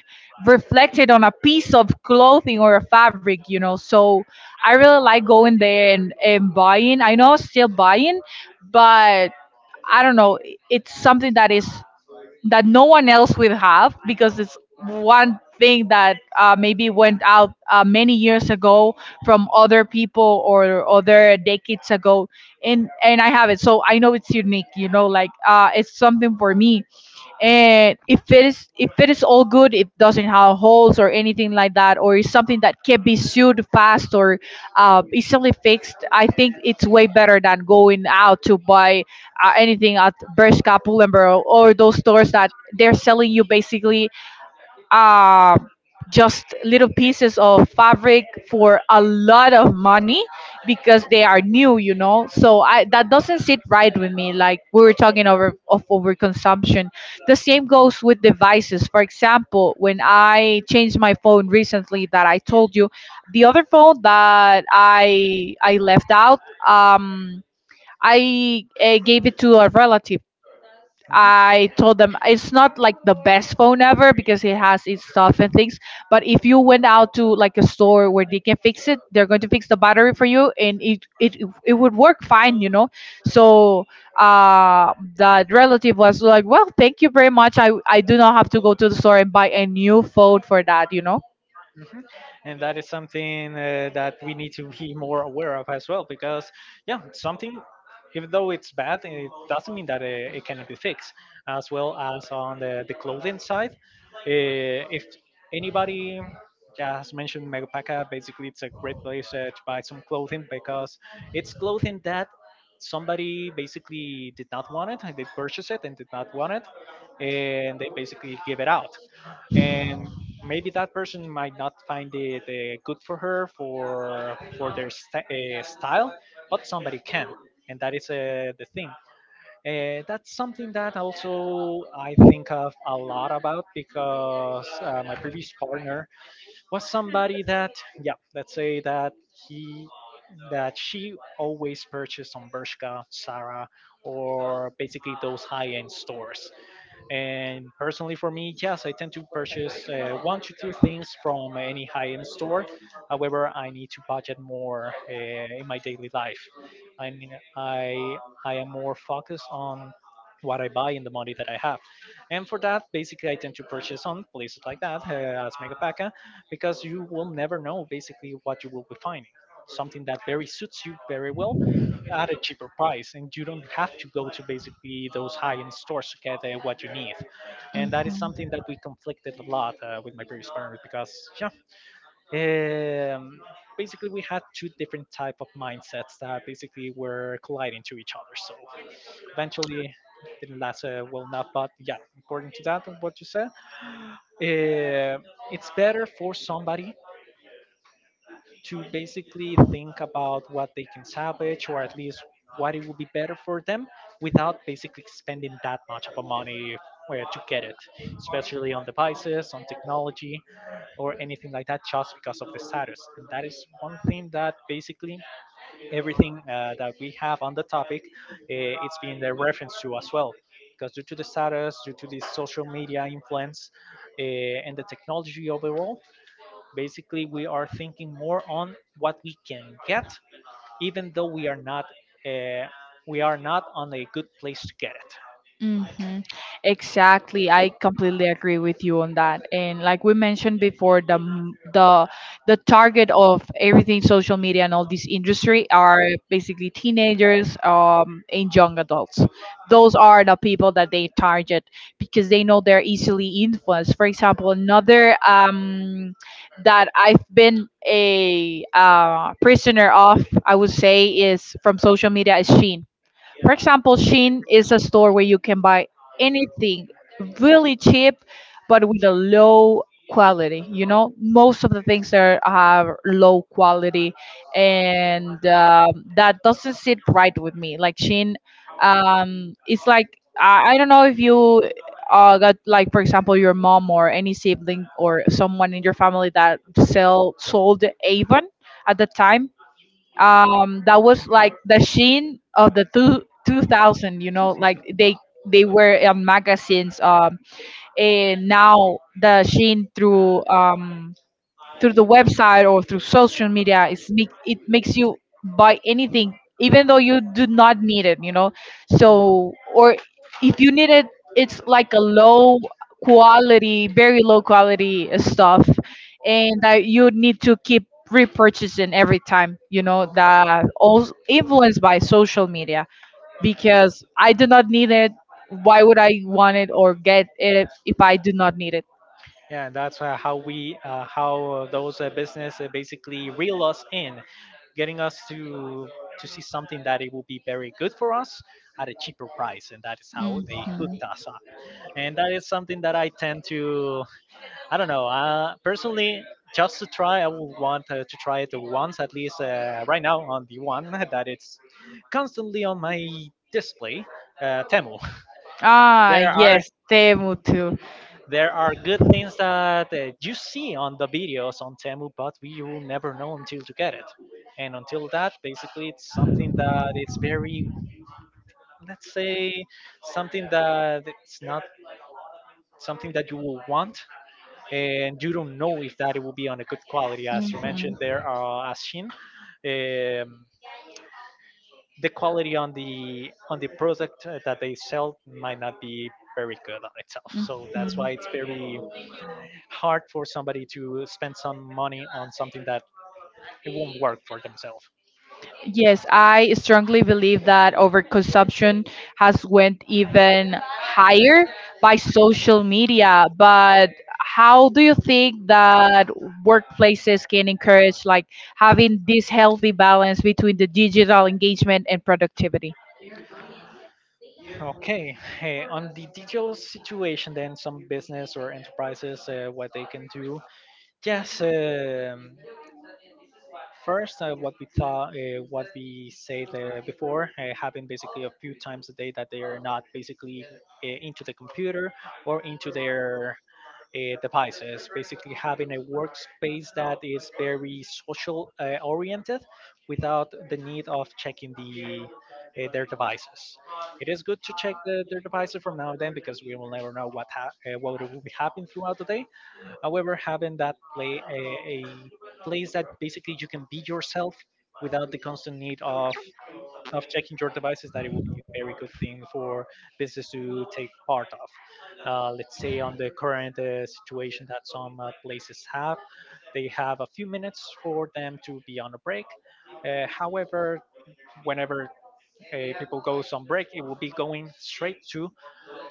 reflected on a piece of clothing or a fabric, you know. So I really like going there and buying. I know I'm still buying, but I don't know. It's something that is that no one else will have, because it's one thing that maybe went out many years ago, from other people or other decades ago. And I have it, so I know it's unique, you know. Like it's something for me. And if it is, if it is all good, it doesn't have holes or anything like that, or is something that can be sewed fast or easily fixed, I think it's way better than going out to buy anything at bershka pull&bear, or those stores that they're selling you basically uh, just little pieces of fabric for a lot of money, because they are new, you know. So I that doesn't sit right with me. Like we were talking over of overconsumption. The same goes with devices. For example, when I changed my phone recently, that I told you, the other phone that I left out, um, I gave it to a relative. Mhm. I told them it's not like the best phone ever, because it has its stuff and things. But if you went out to like a store where they can fix it, they're going to fix the battery for you, and it would work fine, you know. So that relative was like, "Well, thank you very much. I do not have to go to the store and buy a new phone for that, you know." Mhm. And that is something that we need to be more aware of as well, because yeah, something even though it's bad, it doesn't mean that it cannot be fixed. As well as on the clothing side, if anybody, yeah, has mentioned Megapaca, basically it's a great place to buy some clothing because it's clothing that somebody basically did not want it, and they purchased it and did not want it, and they basically give it out, and maybe that person might not find it good for her for their st- style, but somebody can. And that is the thing, that's something that also I think of a lot about because my previous partner was somebody that, yeah, let's say that he that she always purchased on Bershka, Zara, or basically those high-end stores. And personally, for me, yes, I tend to purchase one to two things from any high-end store. However, I need to budget more in my daily life. I mean, I I am more focused on what I buy and the money that I have. And for that, basically, I tend to purchase on places like that as Megapaca, because you will never know basically what you will be finding. Something that very suits you very well, at a cheaper price, and you don't have to go to basically those high-end stores to get what you need. And that is Mhm. something that we conflicted a lot with my previous partner because yeah, um, basically we had two different type of mindsets that basically were colliding to each other, so eventually it didn't last well enough. But yeah, according to that what you said, uh, it's better for somebody to basically think about what they can salvage or at least what it would be better for them without basically spending that much of a money where to get it, especially on devices, on technology, or anything like that, just because of the status. And that is one thing that basically everything that we have on the topic, it's been the reference to as well. Because due to the status, due to the social media influence, uh, and the technology overall, basically, we are thinking more on what we can get, even though uh, we are not on a good place to get it. Mm-hmm. Exactly. I completely agree with you on that. And like we mentioned before, the target of everything social media and all this industry are basically teenagers, and young adults. Those are the people that they target because they know they're easily influenced. For example, another, that I've been a prisoner of, I would say, is from social media, is Sheen. For example, Shein is a store where you can buy anything really cheap, but with a low quality. You know, most of the things there are low quality, and that doesn't sit right with me. Like Shein, it's like I don't know if you got, like for example, your mom or any sibling or someone in your family that sell sold Avon at the time. That was like the sheen of the 2000, you know. Like they were in magazines, and now the sheen through, through the website or through social media, it makes you buy anything even though you do not need it, you know. So, or if you need it, it's like a low quality, very low quality stuff, and that you need to keep repurchasing every time, you know, that all influenced by social media. Because I do not need it. Why would I want it or get it if I do not need it? Yeah, and that's how those business basically reel us in, getting us to see something that it will be very good for us at a cheaper price, and that is how they Mhm. hooked us up. And that is something that I tend to, I don't know, personally, just to try, I would want to try it once at least right now on the one that it's constantly on my display, Temu. Ah, There are yes, Temu too. there are good things that you see on the videos on Temu, but you will never know until you get it. And until that, basically, it's something that it's very, let's say, something that it's not something that you will want, and you don't know if that it will be on a good quality. As you Mhm. mentioned, there are as Shin, the quality on the product that they sell might not be very good on itself. So that's Mhm. why it's very hard for somebody to spend some money on something that it won't work for themselves. Yes, I strongly believe that overconsumption has went even higher by social media. But how do you think that workplaces can encourage like having this healthy balance between the digital engagement and productivity? Okay, hey, on the digital situation, then some business or enterprises, what they can do. Yes, first, what we thought, what we said before, having basically a few times a day that they are not basically into the computer or into their devices, basically having a workspace that is very social oriented without the need of checking the their devices. It is good to check the, their devices from now and then because we will never know what what will be happening throughout the day. However, having that a place that basically you can be yourself without the constant need of checking your devices that it would be a very good thing for business to take part of. Let's say on the current situation that some places have, they have a few minutes for them to be on a break. However, whenever people goes on break, it will be going straight to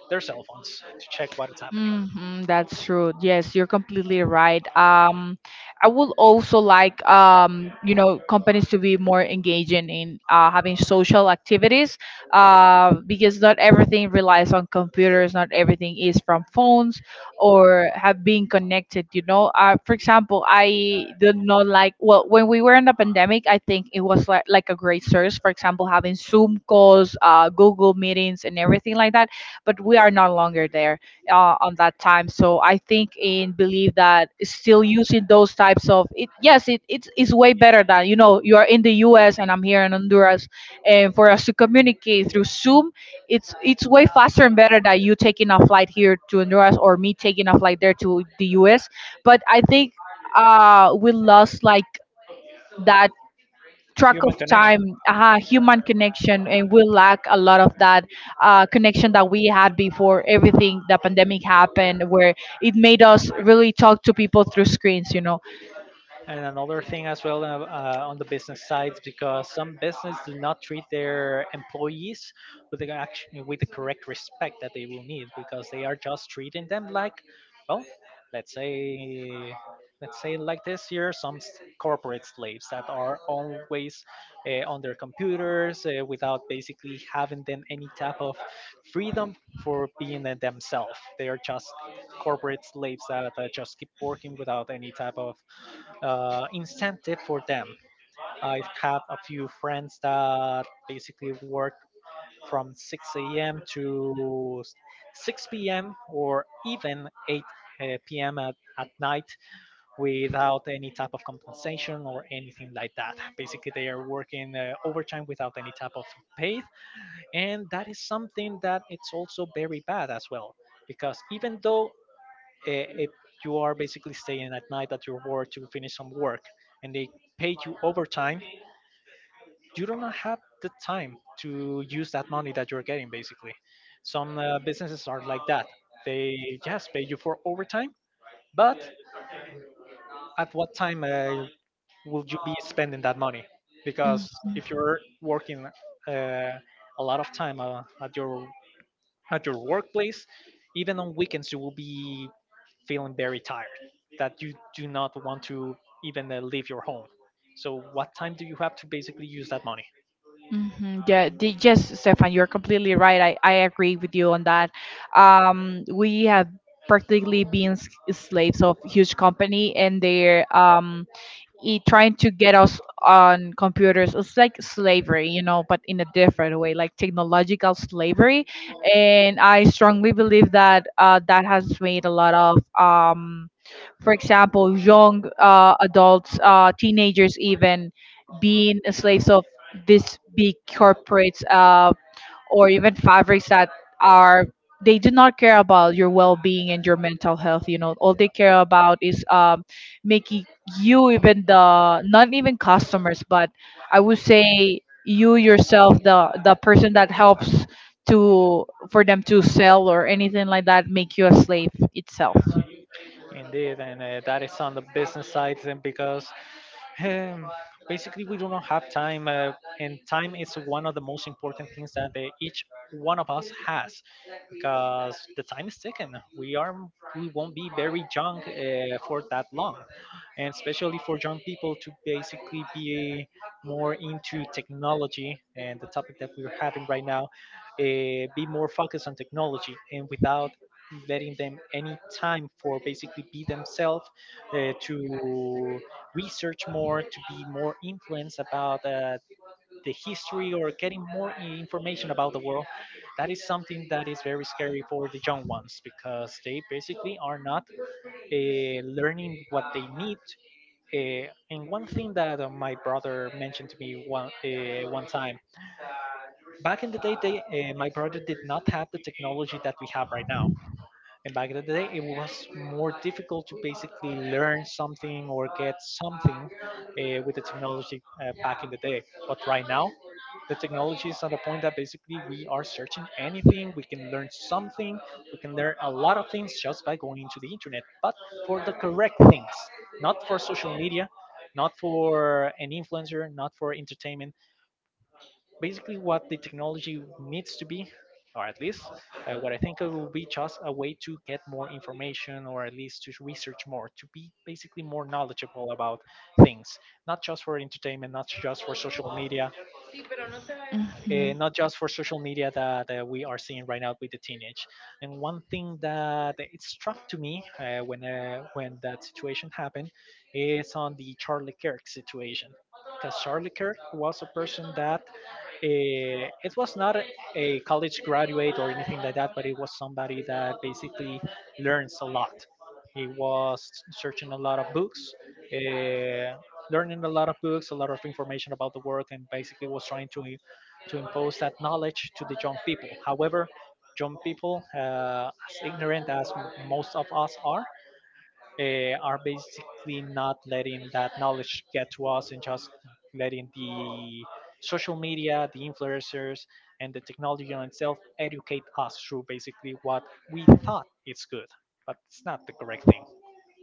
their cell phones to check what is happening. Hmm, that's true. Yes, you're completely right. I would also like, you know, companies to be more engaging in having social activities, because not everything relies on computers. Not everything is from phones or have been connected. You know, for example, I did not like well when we were in the pandemic. I think it was like a great source. For example, having Zoom calls, Google meetings, and everything like that. But we are no longer there on that time. So I think and believe that still using those types of it. Yes, it's way better than, you know, you are in the U.S. and I'm here in Honduras, and for us to communicate through Zoom, it's way faster and better than you taking a flight here to Honduras or me taking a flight there to the U.S. But I think we lost like that track of Human time, connection. Human connection, and we lack a lot of that connection that we had before everything the pandemic happened, where it made us really talk to people through screens, you know. And another thing as well on the business side, because some business do not treat their employees with the action, with the correct respect that they will need, because they are just treating them like, well, let's say, let's say like this here, corporate slaves that are always on their computers without basically having them any type of freedom for being themselves. They are just corporate slaves that just keep working without any type of incentive for them. I've had a few friends that basically work from 6 a.m. to 6 p.m. or even 8 p.m. At night without any type of compensation or anything like that. Basically, they are working overtime without any type of pay, and that is something that it's also very bad as well. Because even though if you are basically staying at night at your work to finish some work and they pay you overtime, you do not have the time to use that money that you're getting basically. Some businesses are like that. They just pay you for overtime, but at what time will you be spending that money? Because if you're working uh, a lot of time at your workplace, even on weekends, you will be feeling very tired that you do not want to even leave your home. So, what time do you have to basically use that money? Hmm. Yeah, yes, Stefan, you're completely right. I agree with you on that. We have practically been slaves of huge company, and they're trying to get us on computers. It's like slavery, you know, but in a different way, like technological slavery. And I strongly believe that that has made a lot of, for example, young adults, teenagers, even being slaves of these big corporates, or even fabrics that are, they do not care about your well-being and your mental health. You know, all they care about is making you, even the not even customers, but I would say you yourself, the person that helps to for them to sell or anything like that, make you a slave itself. Indeed, and that is on the business side, then because Um, basically, we do not have time, and time is one of the most important things that each one of us has, because the time is taken. We won't be very young for that long, and especially for young people to basically be more into technology and the topic that we're having right now, be more focused on technology and without letting them any time for basically be themselves to research more to be more influenced about the history or getting more information about the world. That is something that is very scary for the young ones because they basically are not uh, learning what they need. And one thing that my brother mentioned to me one time, back in the day my brother did not have the technology that we have right now, and back in the day, it was more difficult to basically learn something or get something with the technology back in the day. But right now, the technology is at a point that basically we are searching anything, we can learn something, we can learn a lot of things just by going into the internet, but for the correct things, not for social media, not for an influencer, not for entertainment, basically what the technology needs to be, or at least what I think it will be, just a way to get more information or at least to research more to be basically more knowledgeable about things, not just for entertainment, not just for social media, Mhm. not just for social media that we are seeing right now with the teenage. And one thing that it struck to me when that situation happened is on the Charlie Kirk situation, because Charlie Kirk was a person that, it was not a college graduate or anything like that, but it was somebody that basically learns a lot. He was searching a lot of books, eh, learning a lot of books, a lot of information about the work, and basically was trying to impose that knowledge to the young people. However, young people, as ignorant as most of us are, are basically not letting that knowledge get to us and just letting the social media, the influencers, and the technology on itself educate us through basically what we thought is good, but it's not the correct thing.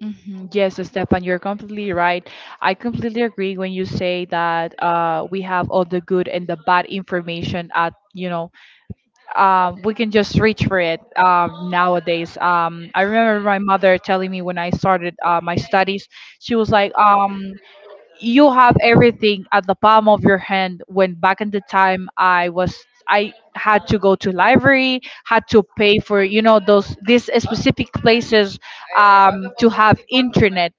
Mhm. Yes, Stefan, you're completely right. I completely agree when you say that we have all the good and the bad information at, you know, we can just reach for it, nowadays. I remember my mother telling me when I started my studies, she was like, you have everything at the palm of your hand, when back in the time I was, I had to go to library, had to pay for, you know, those, these specific places, to have internet,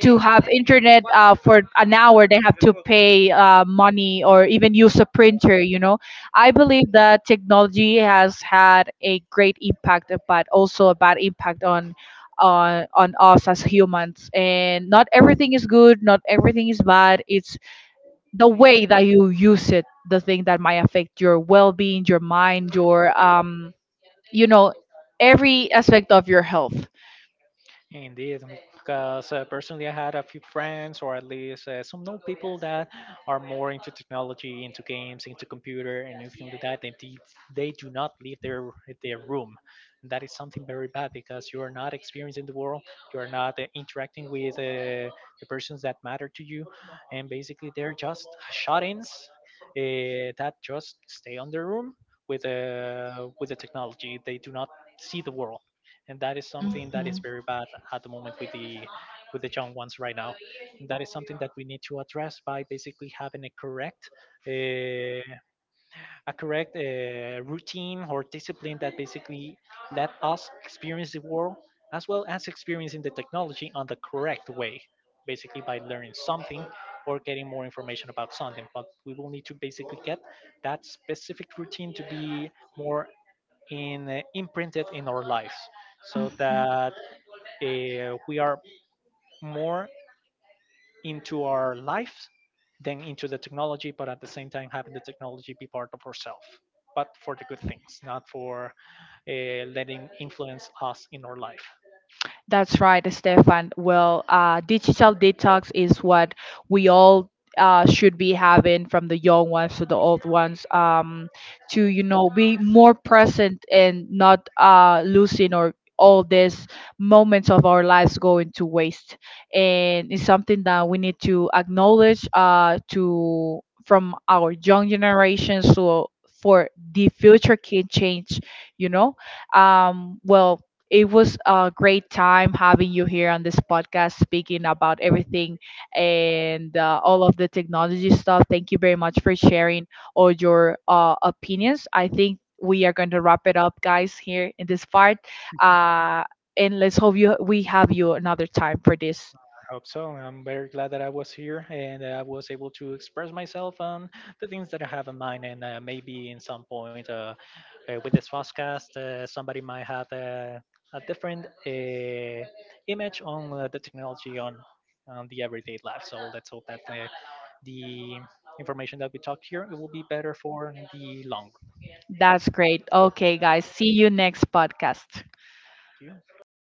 to have internet for an hour. They have to pay money, or even use a printer, you know. I believe that technology has had a great impact, but also a bad impact on on us as humans. And not everything is good, not everything is bad. It's the way that you use it, the thing that might affect your well-being, your mind, your you know, every aspect of your health. Indeed, because personally, I had a few friends, or at least some know people that are more into technology, into games, into computer, and anything like that, and they do not leave their room. That is something very bad because you are not experiencing the world. You're not interacting with the persons that matter to you, and basically they're just shut-ins that just stay on their room with the technology. They do not see the world, and that is something that Hmm. is very bad at the moment with the young ones right now. And that is something that we need to address by basically having uh, a correct routine or discipline that basically let us experience the world as well as experiencing the technology on the correct way, basically by learning something or getting more information about something, but we will need to basically get that specific routine to be more imprinted in our lives, so that we are more into our life than into the technology, but at the same time having the technology be part of ourselves, but for the good things, not for letting influence us in our life. That's right, Stefan. Well, digital detox is what we all should be having, from the young ones to the old ones, to, you know, be more present and not losing or all these moments of our lives going to waste. And it's something that we need to acknowledge to from our young generations, so for the future can change, you know. Um, well, It was a great time having you here on this podcast speaking about everything and all of the technology stuff. Thank you very much for sharing all your opinions. I think we are going to wrap it up, guys, here in this part. Uh, and let's hope you we have you another time for this. I hope so. I'm very glad that I was here and I was able to express myself on the things that I have in mind. And maybe in some point with this podcast, somebody might have a different image on the technology on the everyday life. So let's hope that the information that we talk here it will be better for the long run. That's great. Okay, guys. See you next podcast. Thank you.